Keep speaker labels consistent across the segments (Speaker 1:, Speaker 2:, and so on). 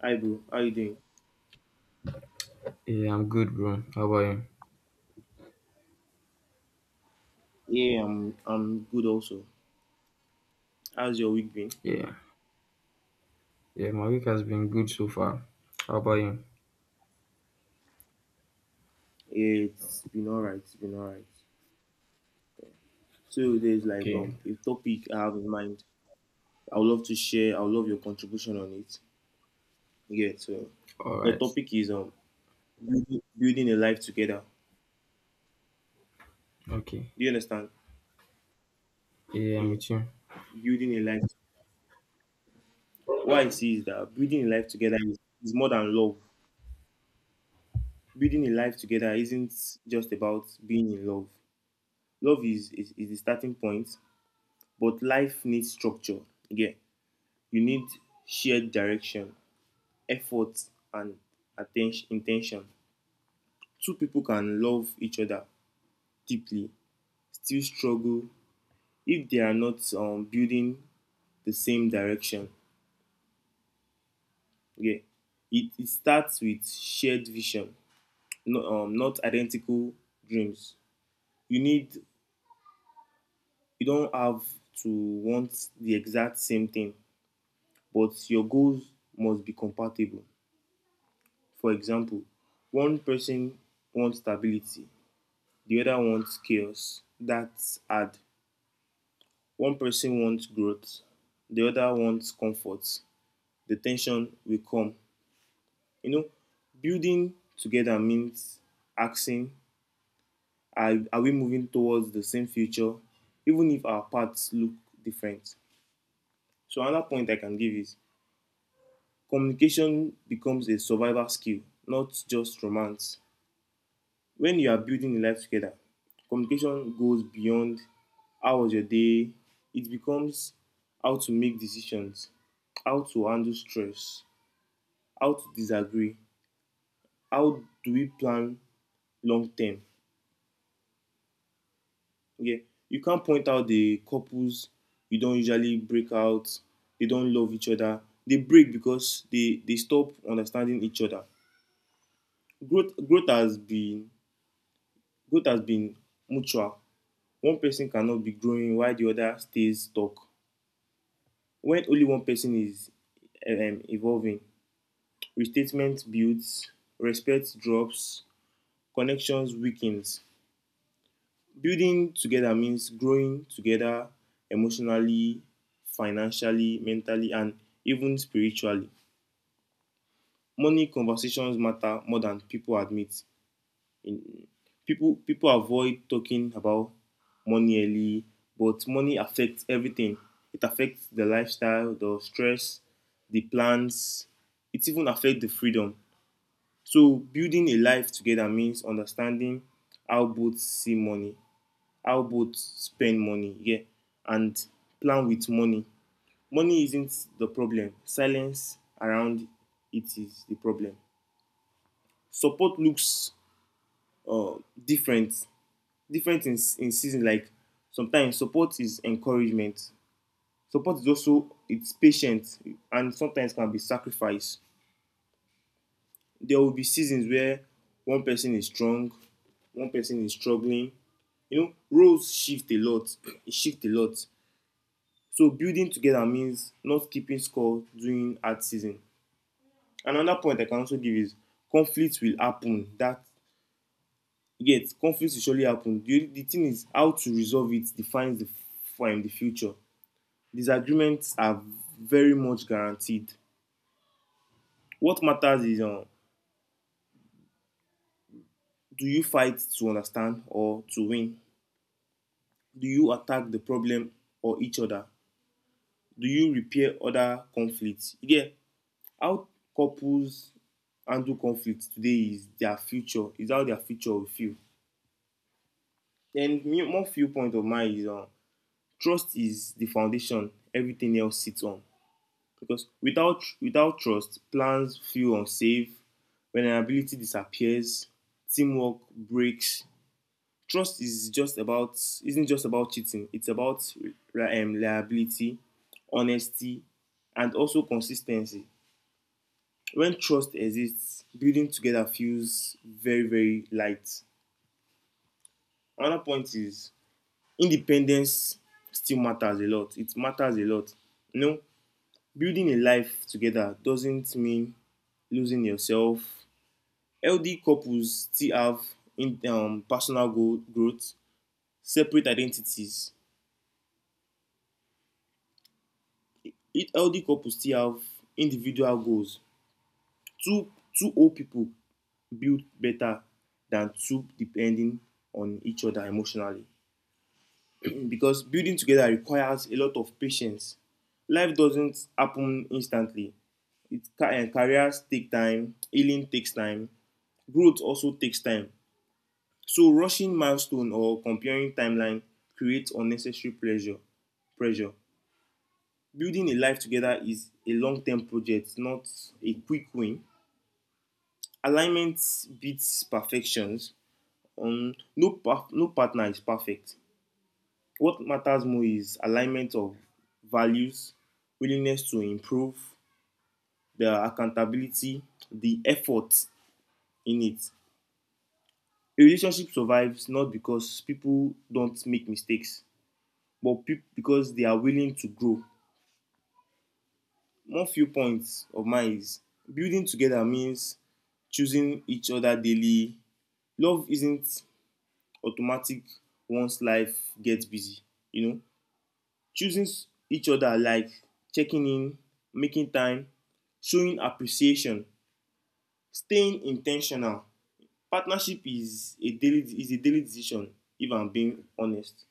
Speaker 1: Hi bro, how you doing?
Speaker 2: Yeah, I'm good, bro. How about you?
Speaker 1: Yeah, I'm good also. How's your week been?
Speaker 2: Yeah, yeah, my week has been good so far. How about you?
Speaker 1: It's been alright, it's been alright. So there's like
Speaker 2: Okay.
Speaker 1: a topic I have in mind. I would love to share, I would love your contribution on it. Yeah, so
Speaker 2: All
Speaker 1: the
Speaker 2: right.
Speaker 1: topic is building a life together.
Speaker 2: Okay.
Speaker 1: Do you understand?
Speaker 2: Yeah, I'm
Speaker 1: Yeah.
Speaker 2: with you.
Speaker 1: Building a life, what I see is that building a life together is more than love. Building a life together isn't just about being in love. Love is the starting point. But life needs structure. Again, you need shared direction, effort, and attention, intention. Two people can love each other deeply, still struggle if they are not building the same direction. Yeah, it starts with shared vision, not, not identical dreams. You need, you don't have to want the exact same thing, but your goals must be compatible. For example, one person wants stability, the other wants chaos. That's hard. One person wants growth, the other wants comfort. The tension will come. You know, building together means asking, are we moving towards the same future, even if our paths look different? So, another point I can give is communication becomes a survival skill, not just romance. When you are building a life together, communication goes beyond how was your day, it becomes how to make decisions, how to handle stress, how to disagree, how do we plan long term. Okay, you can't point out the couples you don't usually break out, they don't love each other, they break because they stop understanding each other. Growth growth has been growth has been mutual. One person cannot be growing while the other stays stuck. When only one person is evolving, restatement builds, respect drops, connections weakens. Building together means growing together emotionally, financially, mentally, and even spiritually. Money conversations matter more than people admit. In People avoid talking about money early, but money affects everything. It affects the lifestyle, the stress, the plans. It even affects the freedom. So building a life together means understanding how both see money, how both spend money, yeah, and plan with money. Money isn't the problem. Silence around it is the problem. Support looks uh, different different in season, like sometimes support is encouragement, support is also, it's patient, and sometimes can be sacrifice. There will be seasons where one person is strong, one person is struggling. You know, roles shift a lot, shift a lot. So building together means not keeping score during hard season. Another point I can also give is conflicts will happen that conflicts will surely happen. The thing is how to resolve it defines the future. Disagreements are very much guaranteed. What matters is, do you fight to understand or to win? Do you attack the problem or each other? Do you repair other conflicts? Yeah, how couples handle conflict today is their future, is how their future will feel. And me, one viewpoint of mine is, trust is the foundation everything else sits on. Because without trust, plans feel unsafe. Vulnerability disappears. Teamwork breaks. Trust is just about isn't just about cheating. It's about, reliability, honesty, and also consistency. When trust exists, building together feels very, very light. Another point is independence still matters a lot. It matters a lot. You know, building a life together doesn't mean losing yourself. L.D. couples still have in, growth, separate identities. It, healthy couples still have individual goals. Two, two old people build better than two depending on each other emotionally. Because building together requires a lot of patience. Life doesn't happen instantly. It, and careers take time, healing takes time, growth also takes time. So rushing milestone or comparing timeline creates unnecessary pressure. Building a life together is a long term project, not a quick win. Alignment beats perfections. No partner is perfect. What matters more is alignment of values, willingness to improve, the accountability, the effort in it. A relationship survives not because people don't make mistakes, but because they are willing to grow. One few points of mine is building together means choosing each other daily. Love isn't automatic once life gets busy, you know. Each other, like checking in, making time, showing appreciation, staying intentional. Partnership is a daily decision, if I'm being honest.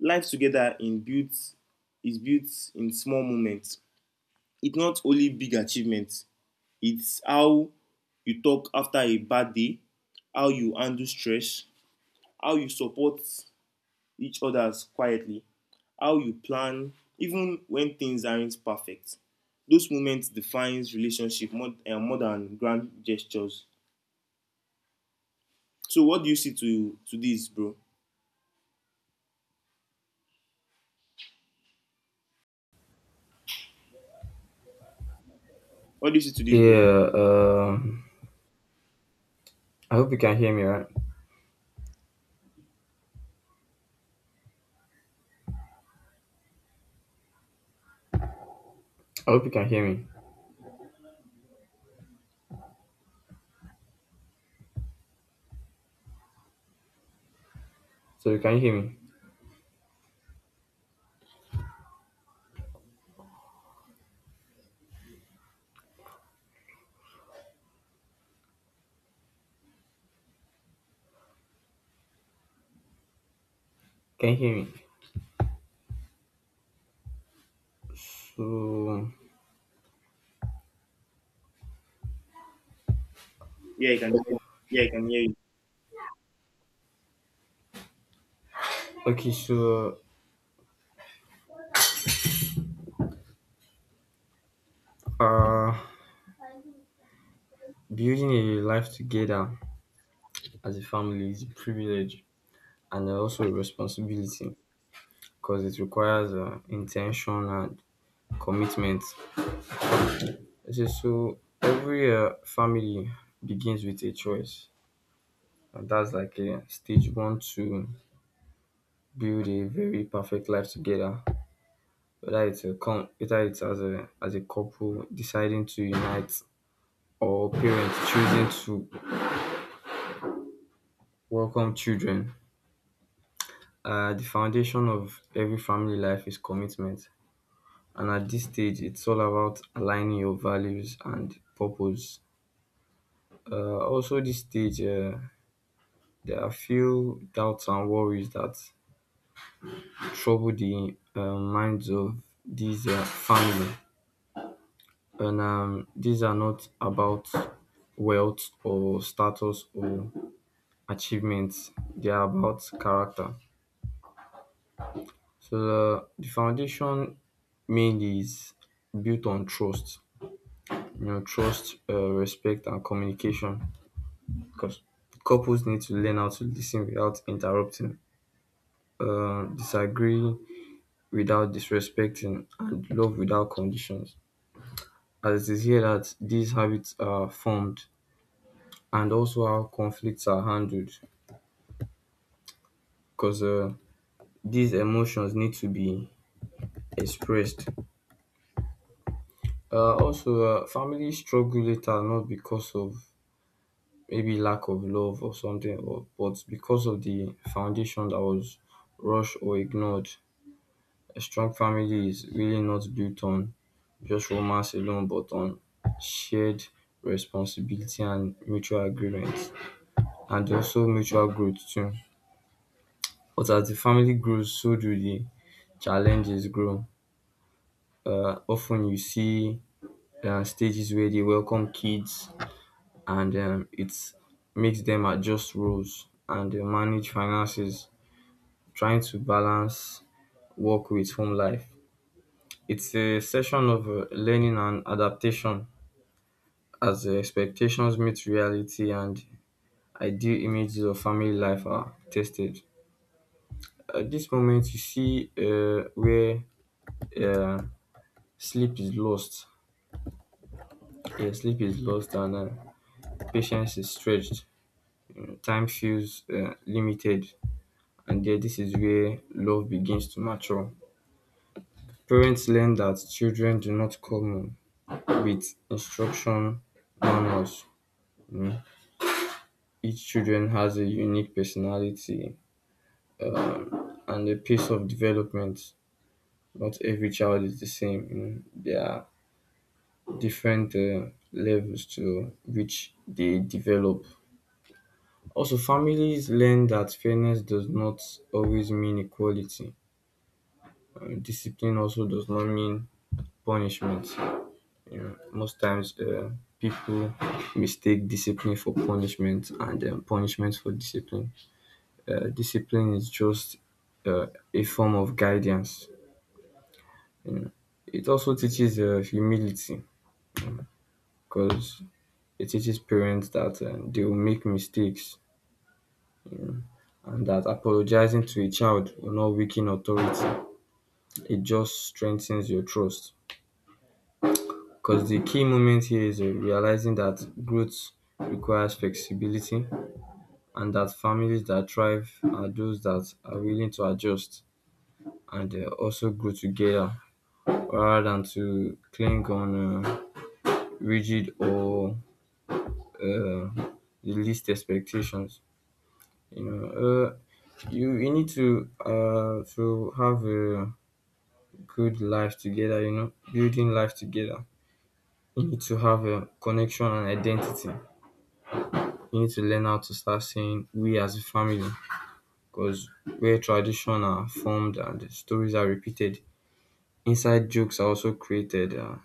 Speaker 1: Life together in built is built in small moments. It's not only big achievements. It's how you talk after a bad day, how you handle stress, how you support each other quietly, how you plan, even when things aren't perfect. Those moments defines relationship more than grand gestures. So what do you see to this, bro? What do you see to this, bro?
Speaker 2: Yeah. I hope you can hear me, right? I hope you can hear me. So you can hear me. Can you hear me? So
Speaker 1: Yeah, I can hear. Yeah, I can hear you.
Speaker 2: okay. So uh, building a life together as a family is a privilege and also a responsibility because it requires intention and commitment. Okay, so every family begins with a choice, and that's like a stage one to build a very perfect life together. Whether it's as a couple deciding to unite or parents choosing to welcome children. The foundation of every family life is commitment, and at this stage, it's all about aligning your values and purpose. Also, this stage, there are few doubts and worries that trouble the minds of these family. And these are not about wealth or status or achievements, they are about character. So the foundation mainly is built on trust, you know, trust, respect, and communication. Because couples need to learn how to listen without interrupting, disagree without disrespecting, and love without conditions. As it is here that these habits are formed and also how conflicts are handled because these emotions need to be expressed. Also, families struggle later not because of maybe lack of love or something, or, but because of the foundation that was rushed or ignored. A strong family is really not built on just romance alone, but on shared responsibility and mutual agreement, and also mutual growth too. But as the family grows, so do the challenges grow. Often you see stages where they welcome kids and it makes them adjust roles and manage finances, trying to balance work with home life. It's a session of learning and adaptation as the expectations meet reality and ideal images of family life are tested. At this moment, you see where uh, sleep is lost. Yeah, sleep is lost and patience is stretched. Time feels limited, and there, this is where love begins to mature. Parents learn that children do not come with instruction manuals, you know. Each children has a unique personality and a pace of development. Not every child is the same, you know. There are different levels to which they develop. Also, families learn that fairness does not always mean equality. Discipline also does not mean punishment. You know, most times people mistake discipline for punishment and punishment for discipline. Discipline is just uh, a form of guidance. You know, it also teaches humility because it teaches parents that they will make mistakes, you know, and that apologizing to a child will not weaken authority. It just strengthens your trust. Because the key moment here is realizing that growth requires flexibility and that families that thrive are those that are willing to adjust and also grow together rather than to cling on rigid or the least expectations. You know, you need to have a good life together. You know, building life together. You need to have a connection and identity. We need to learn how to start saying we as a family because where tradition are formed and stories are repeated, inside jokes are also created.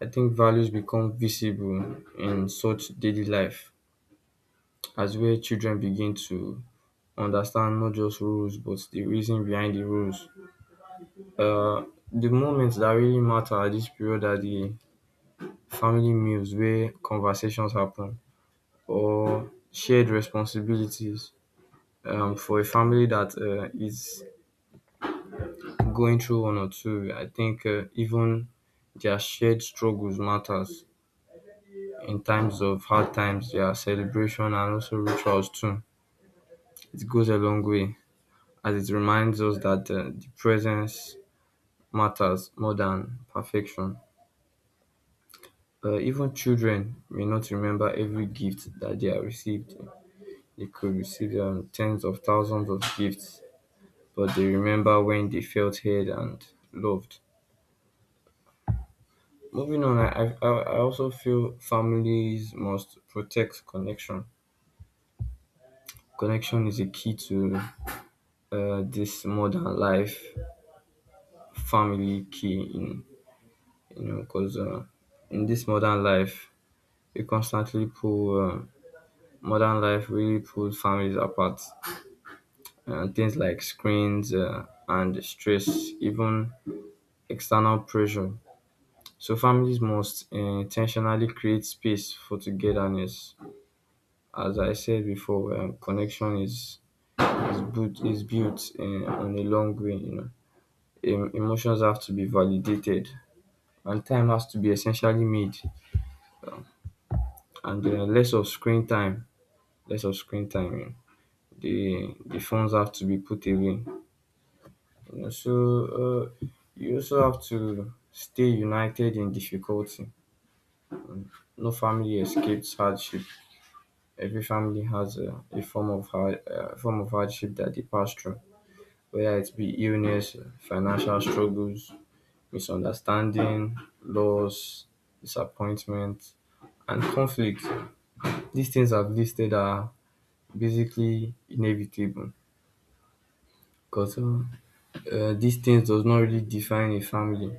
Speaker 2: I think values become visible in such daily life as where children begin to understand not just rules but the reason behind the rules. Uh, the moments that really matter at this period are the family meals where conversations happen or shared responsibilities for a family that is going through one or two, I think even their shared struggles matters in times of hard times, their celebration and also rituals too. It goes a long way as it reminds us that the presence matters more than perfection. Even children may not remember every gift that they have received. They could receive tens of thousands of gifts, but they remember when they felt heard and loved. Moving on, I also feel families must protect connection. Connection is a key to this modern life. Family key in, you know, because in this modern life we constantly pull modern life really pulls families apart. Things like screens and stress, even external pressure. So families must intentionally create space for togetherness. As I said before, connection is built in, on a long grain, you know. Emotions have to be validated, and time has to be essentially made, and less of screen time, less of screen time. You know. The phones have to be put away, you know. So uh, you also have to stay united in difficulty. No family escapes hardship. Every family has a form of hard, form of hardship that they pass through, whether it be illness, eh, financial struggles, misunderstanding, loss, disappointment, and conflict. These things I've listed are basically inevitable because these things does not really define a family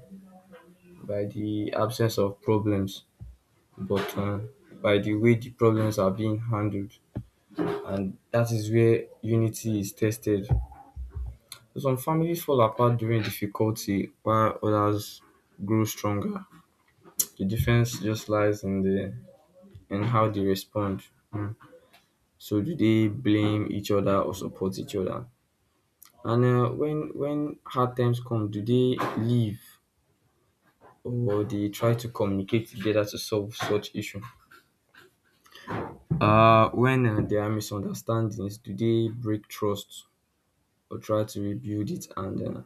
Speaker 2: by the absence of problems, but by the way the problems are being handled, and that is where unity is tested. Some families fall apart during difficulty, while others grow stronger. The difference just lies in the and how they respond. Mm. So do they blame each other or support each other? And when hard times come, do they leave or they try to communicate together to solve such issue? When there are misunderstandings, do they break trust or try to rebuild it and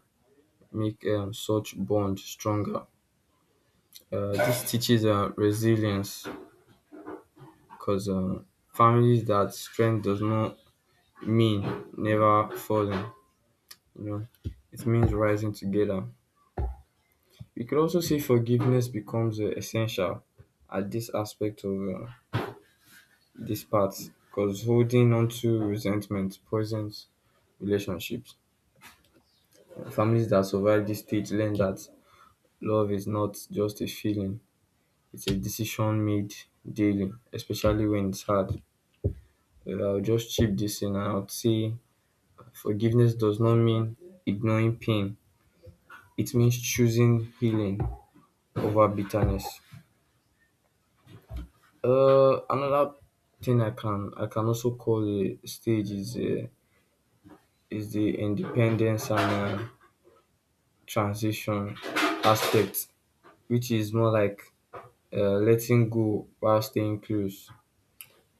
Speaker 2: make such bond stronger? This teaches resilience because families that strength does not mean never falling, you know, it means rising together. We could also say forgiveness becomes essential at this aspect of this part because holding on to resentment poisons relationships. Families that survive this stage learn that love is not just a feeling, it's a decision made daily, especially when it's hard. I'll just chip this in and I'll say forgiveness does not mean ignoring pain, it means choosing healing over bitterness. Another thing I can also call a stage is the independence and transition aspect, which is more like letting go while staying close.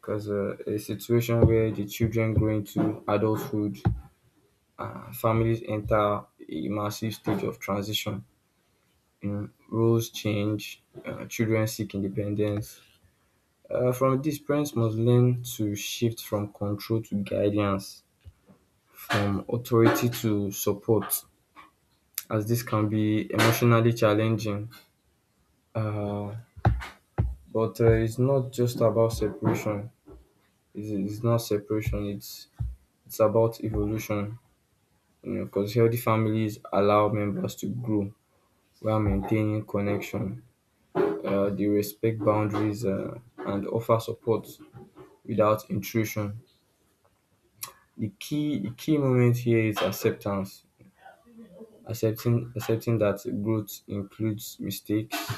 Speaker 2: Because a situation where the children grow into adulthood, families enter a massive stage of transition. You know, roles change, children seek independence. From this, parents must learn to shift from control to guidance, from authority to support, as this can be emotionally challenging. Uh, but it's not just about separation. It's not separation. It's about evolution. You know, because healthy families allow members to grow while maintaining connection. They respect boundaries and offer support without intrusion. The key moment here is acceptance. Accepting that growth includes mistakes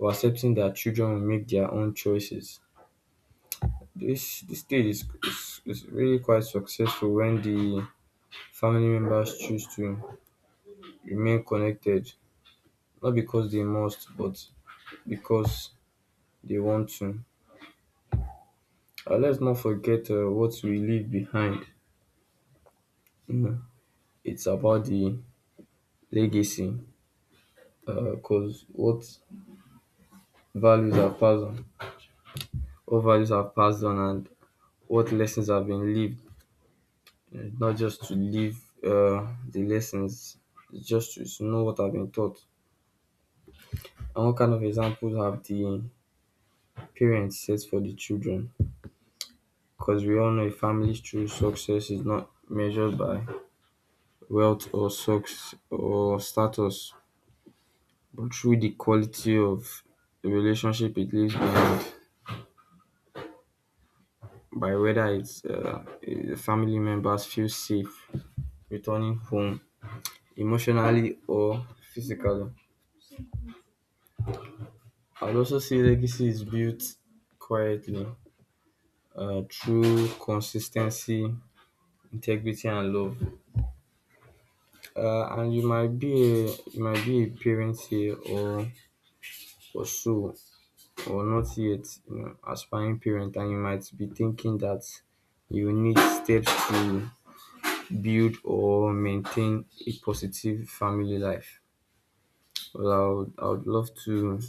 Speaker 2: or accepting that children will make their own choices. This stage is, is really quite successful when the family members choose to remain connected, not because they must, but because they want to. Let's not forget what we leave behind. You know, it's about the legacy, because what values are passed on, what values are passed on, and what lessons have been lived. It's not just to live the lessons, it's just to know what I've been taught. And what kind of examples have the parents set for the children? Because we all know a family's true success is not measured by wealth or success or status, but through the quality of the relationship it leaves behind, by whether it's the family members feel safe returning home emotionally or physically. I'd also say legacy is built quietly through consistency, integrity, and love. And you might be a parent here or so or not yet, you know, aspiring parent, and you might be thinking that you need steps to build or maintain a positive family life. Well, I would love to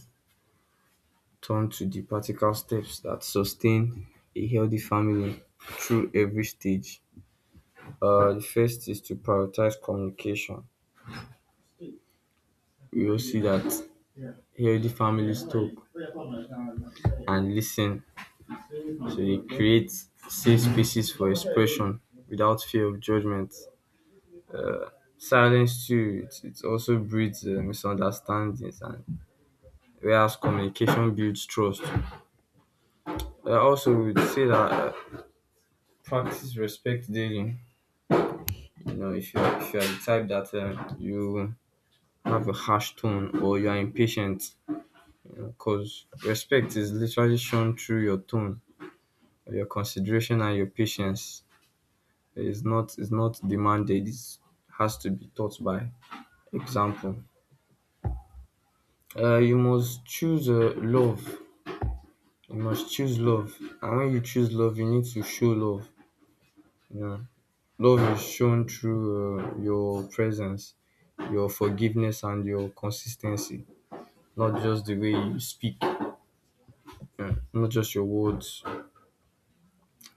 Speaker 2: turn to the practical steps that sustain a healthy family through every stage. The first is to prioritize communication. We will see that healthy families talk and listen, so they create safe spaces for expression without fear of judgment. Silence too, it also breeds misunderstandings, and whereas communication builds trust. I also would say that practice respect daily. You know, if you're the type that you have a harsh tone or you're impatient, you know, cause respect is literally shown through your tone, your consideration, and your patience. It's not demanded. It has to be taught by example. You must choose love. You must choose love, and when you choose love, you need to show love. You know, love is shown through your presence, your forgiveness, and your consistency. Not just the way you speak, mm, not just your words.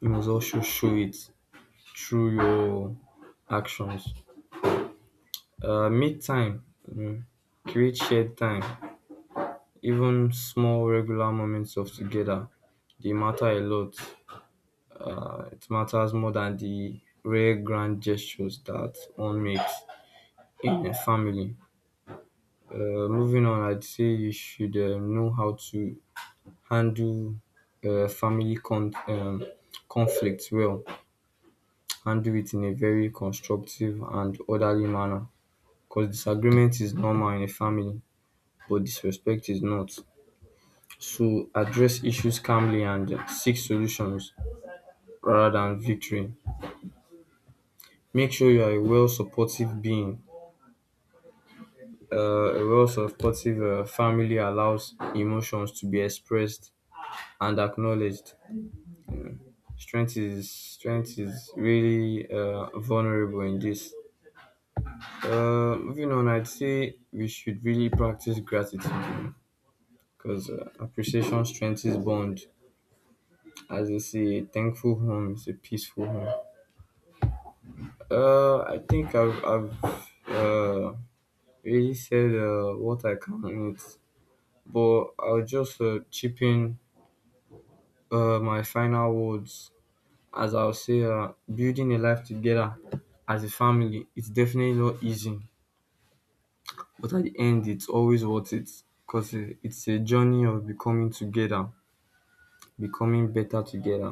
Speaker 2: You must also show it through your actions. Make time, mm, create shared time. Even small regular moments of together, they matter a lot. It matters more than the rare grand gestures that one makes in a family. Uh, Moving on, I'd say you should know how to handle uh, family con- um, conflicts well and do it in a very constructive and orderly manner because disagreement is normal in a family, but disrespect is not. So address issues calmly and seek solutions rather than victory. Make sure you are a well supportive being. A well supportive family allows emotions to be expressed and acknowledged. Strength is really vulnerable in this. Moving on, I'd say we should really practice gratitude. Because appreciation strengthens bond. As they say, a thankful home is a peaceful home. I think I've really said what I can on it, but I'll just chip in my final words. As I'll say, building a life together as a family, it's definitely not easy, but at the end, it's always worth it because it's a journey of becoming together, becoming better together.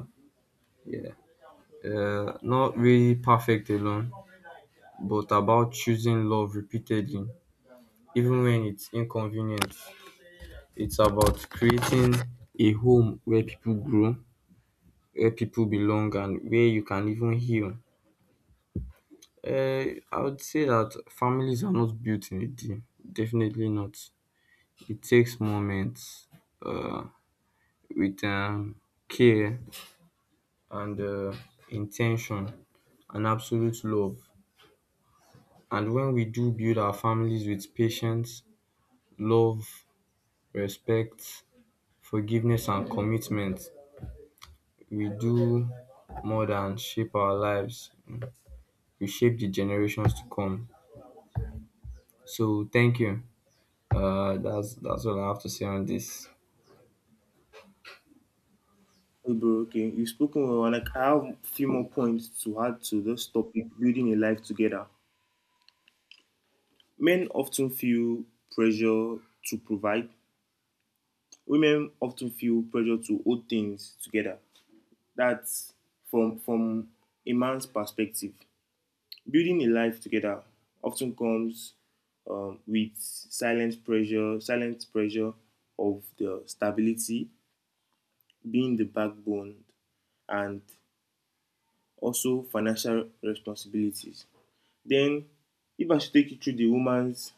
Speaker 2: Yeah. Not really perfect alone, but about choosing love repeatedly, even when it's inconvenient. It's about creating a home where people grow, where people belong, and where you can even heal. I would say that families are not built in a day. Definitely not. It takes moments uh, with care and intention and absolute love. And when we do build our families with patience, love, respect, forgiveness, and commitment, we do more than shape our lives. We shape the generations to come. So thank you. That's all I have to say on this.
Speaker 1: Hey, bro, okay, you've spoken well, and like, I have a few more points to add to this topic: building a life together. Men often feel pressure to provide. Women often feel pressure to hold things together. That's from a man's perspective. Building a life together often comes, with silent pressure of the stability being the backbone and also financial responsibilities. Then, if I should take you through the woman's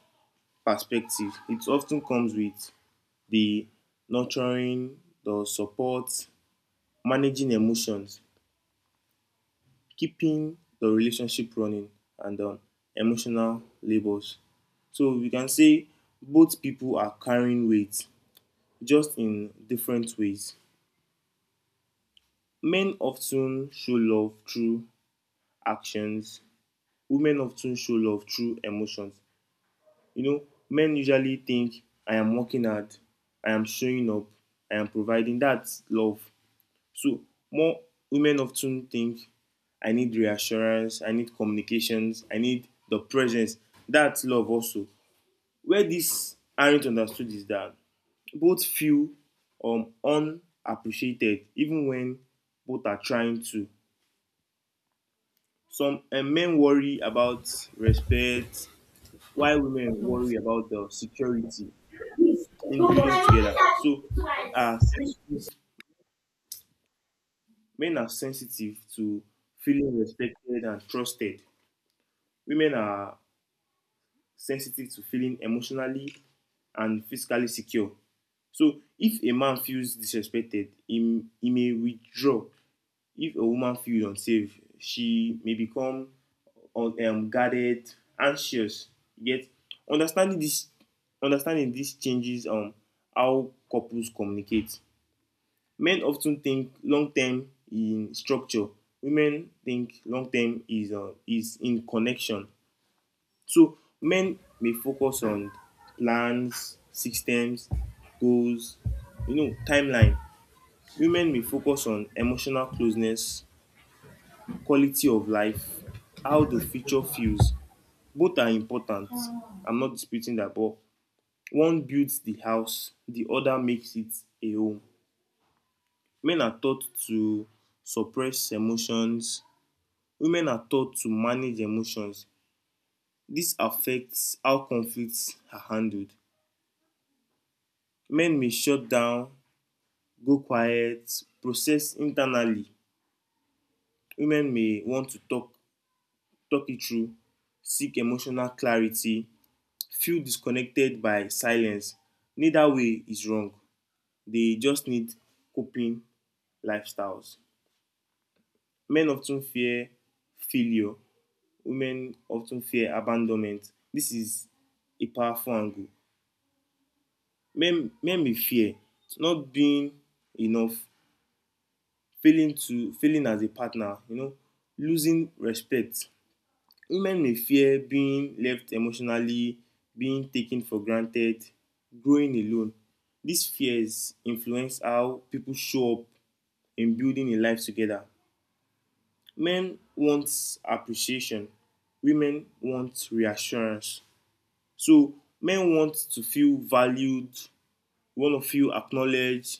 Speaker 1: perspective, it often comes with the nurturing, the support, managing emotions, keeping the relationship running, and emotional labors. So we can say both people are carrying weight, just in different ways. Men often show love through actions, women often show love through emotions. You know, men usually think, I am working hard, I am showing up, I am providing. That's love. So more women often think, I need reassurance, I need communications, I need the presence. That's love also. Where these aren't understood is that both feel, unappreciated, even when both are trying to. Some men worry about respect, while women worry about the security in building together. So men are sensitive, men are sensitive to feeling respected and trusted. Women are sensitive to feeling emotionally and physically secure. So if a man feels disrespected, he may withdraw. If a woman feels unsafe, she may become, guarded, anxious. Yet understanding this understanding this changes how couples communicate. Men often think long term in structure. Women think long term is in connection. So men may focus on plans, systems, goals, you know, timeline. Women may focus on emotional closeness, quality of life, how the future feels. Both are important. I'm not disputing that, but one builds the house, the other makes it a home. Men are taught to suppress emotions, women are taught to manage emotions. This affects how conflicts are handled. Men may shut down, go quiet, process internally. Women may want to talk it through, seek emotional clarity, feel disconnected by silence. Neither way is wrong. They just need coping lifestyles. Men of ten fear failure. Women of ten fear abandonment. This is a powerful angle. Men may fear not being enough, failing as a partner, you know, losing respect. Women may fear being left emotionally, being taken for granted, growing alone. These fears influence how people show up in building a life together. Men want appreciation, women want reassurance. So, men want to feel valued, we want to feel acknowledged,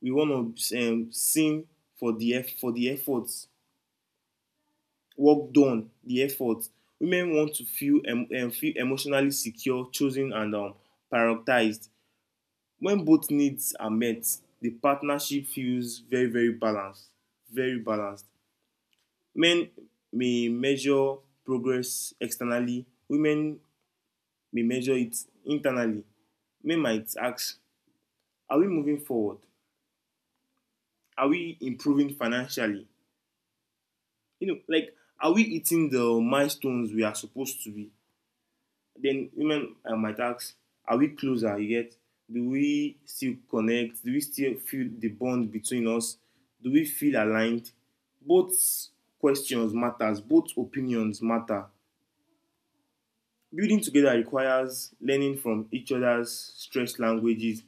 Speaker 1: we want to, seen for for the efforts, work done, the effort. Women want to feel feel emotionally secure, chosen, and prioritized. When both needs are met, the partnership feels very, very balanced, very balanced. Men may measure progress externally, women may measure it internally. Men might ask, are we moving forward, are we improving financially, you know, like, are we hitting the milestones we are supposed to be? Then women, might ask, are we closer? You get? Do we still connect? Do we still feel the bond between us? Do we feel aligned? Both questions matters. Both opinions matter. Building together requires learning from each other's stress languages.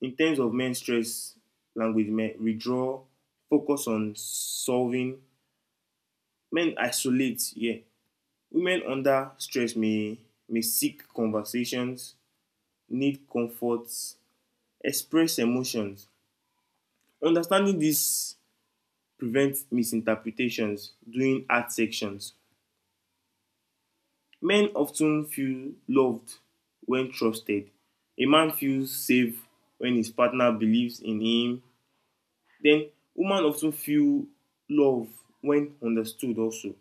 Speaker 1: In terms of men's stress language, men withdraw, focus on solving. Men isolate. Yeah. Women under stress may seek conversations, need comforts, express emotions. Understanding this prevents misinterpretations during art sections. Men often feel loved when trusted. A man feels safe when his partner believes in him. Then women often feel love when understood also.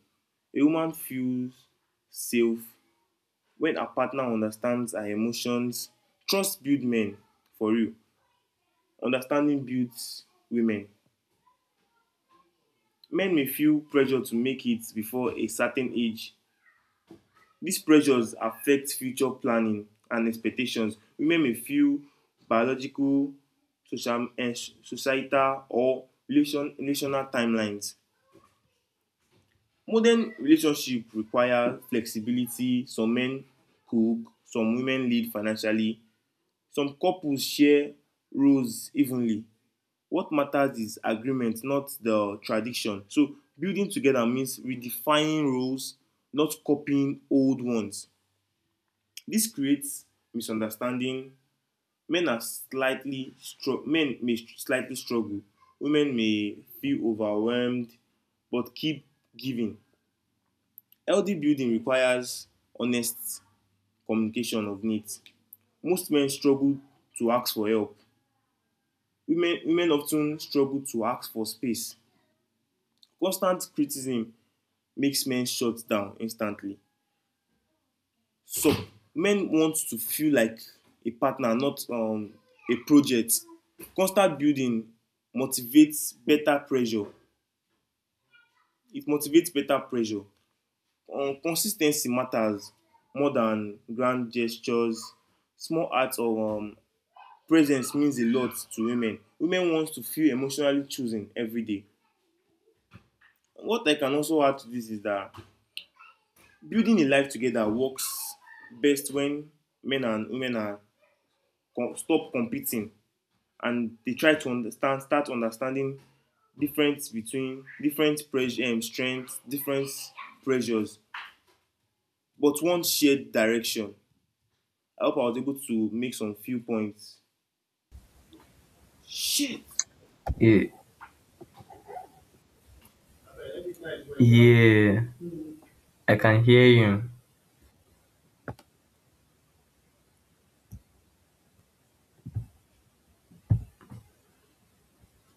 Speaker 1: A woman feels safe when her partner understands her emotions. Trust builds men for real. Understanding builds women. Men may feel pressure to make it before a certain age. These pressures affect future planning and expectations. Women may feel biological, social, eh, societal, or relational timelines. Modern relationship require flexibility. Some men cook, some women lead financially. Some couples share roles evenly. What matters is agreement, not the tradition. So building together means redefining roles, not copying old ones. This creates misunderstanding. Men may slightly struggle, women may feel overwhelmed but keep giving. Healthy building requires honest communication of needs. Most men struggle to ask for help, women often struggle to ask for space. Constant criticism makes men shut down instantly. So men want to feel like a partner, not, a project. Constant building motivates better pressure. It motivates better pressure. Consistency matters more than grand gestures. Small acts of, presence means a lot to women. Women want to feel emotionally chosen every day. What I can also add to this is that building a life together works best when men and women are stop competing and they try to understand start understanding difference between different pressure and, strengths, different pressures, but one shared direction. I hope I was able to make some few points. Shit.
Speaker 2: Yeah, yeah, I can hear you.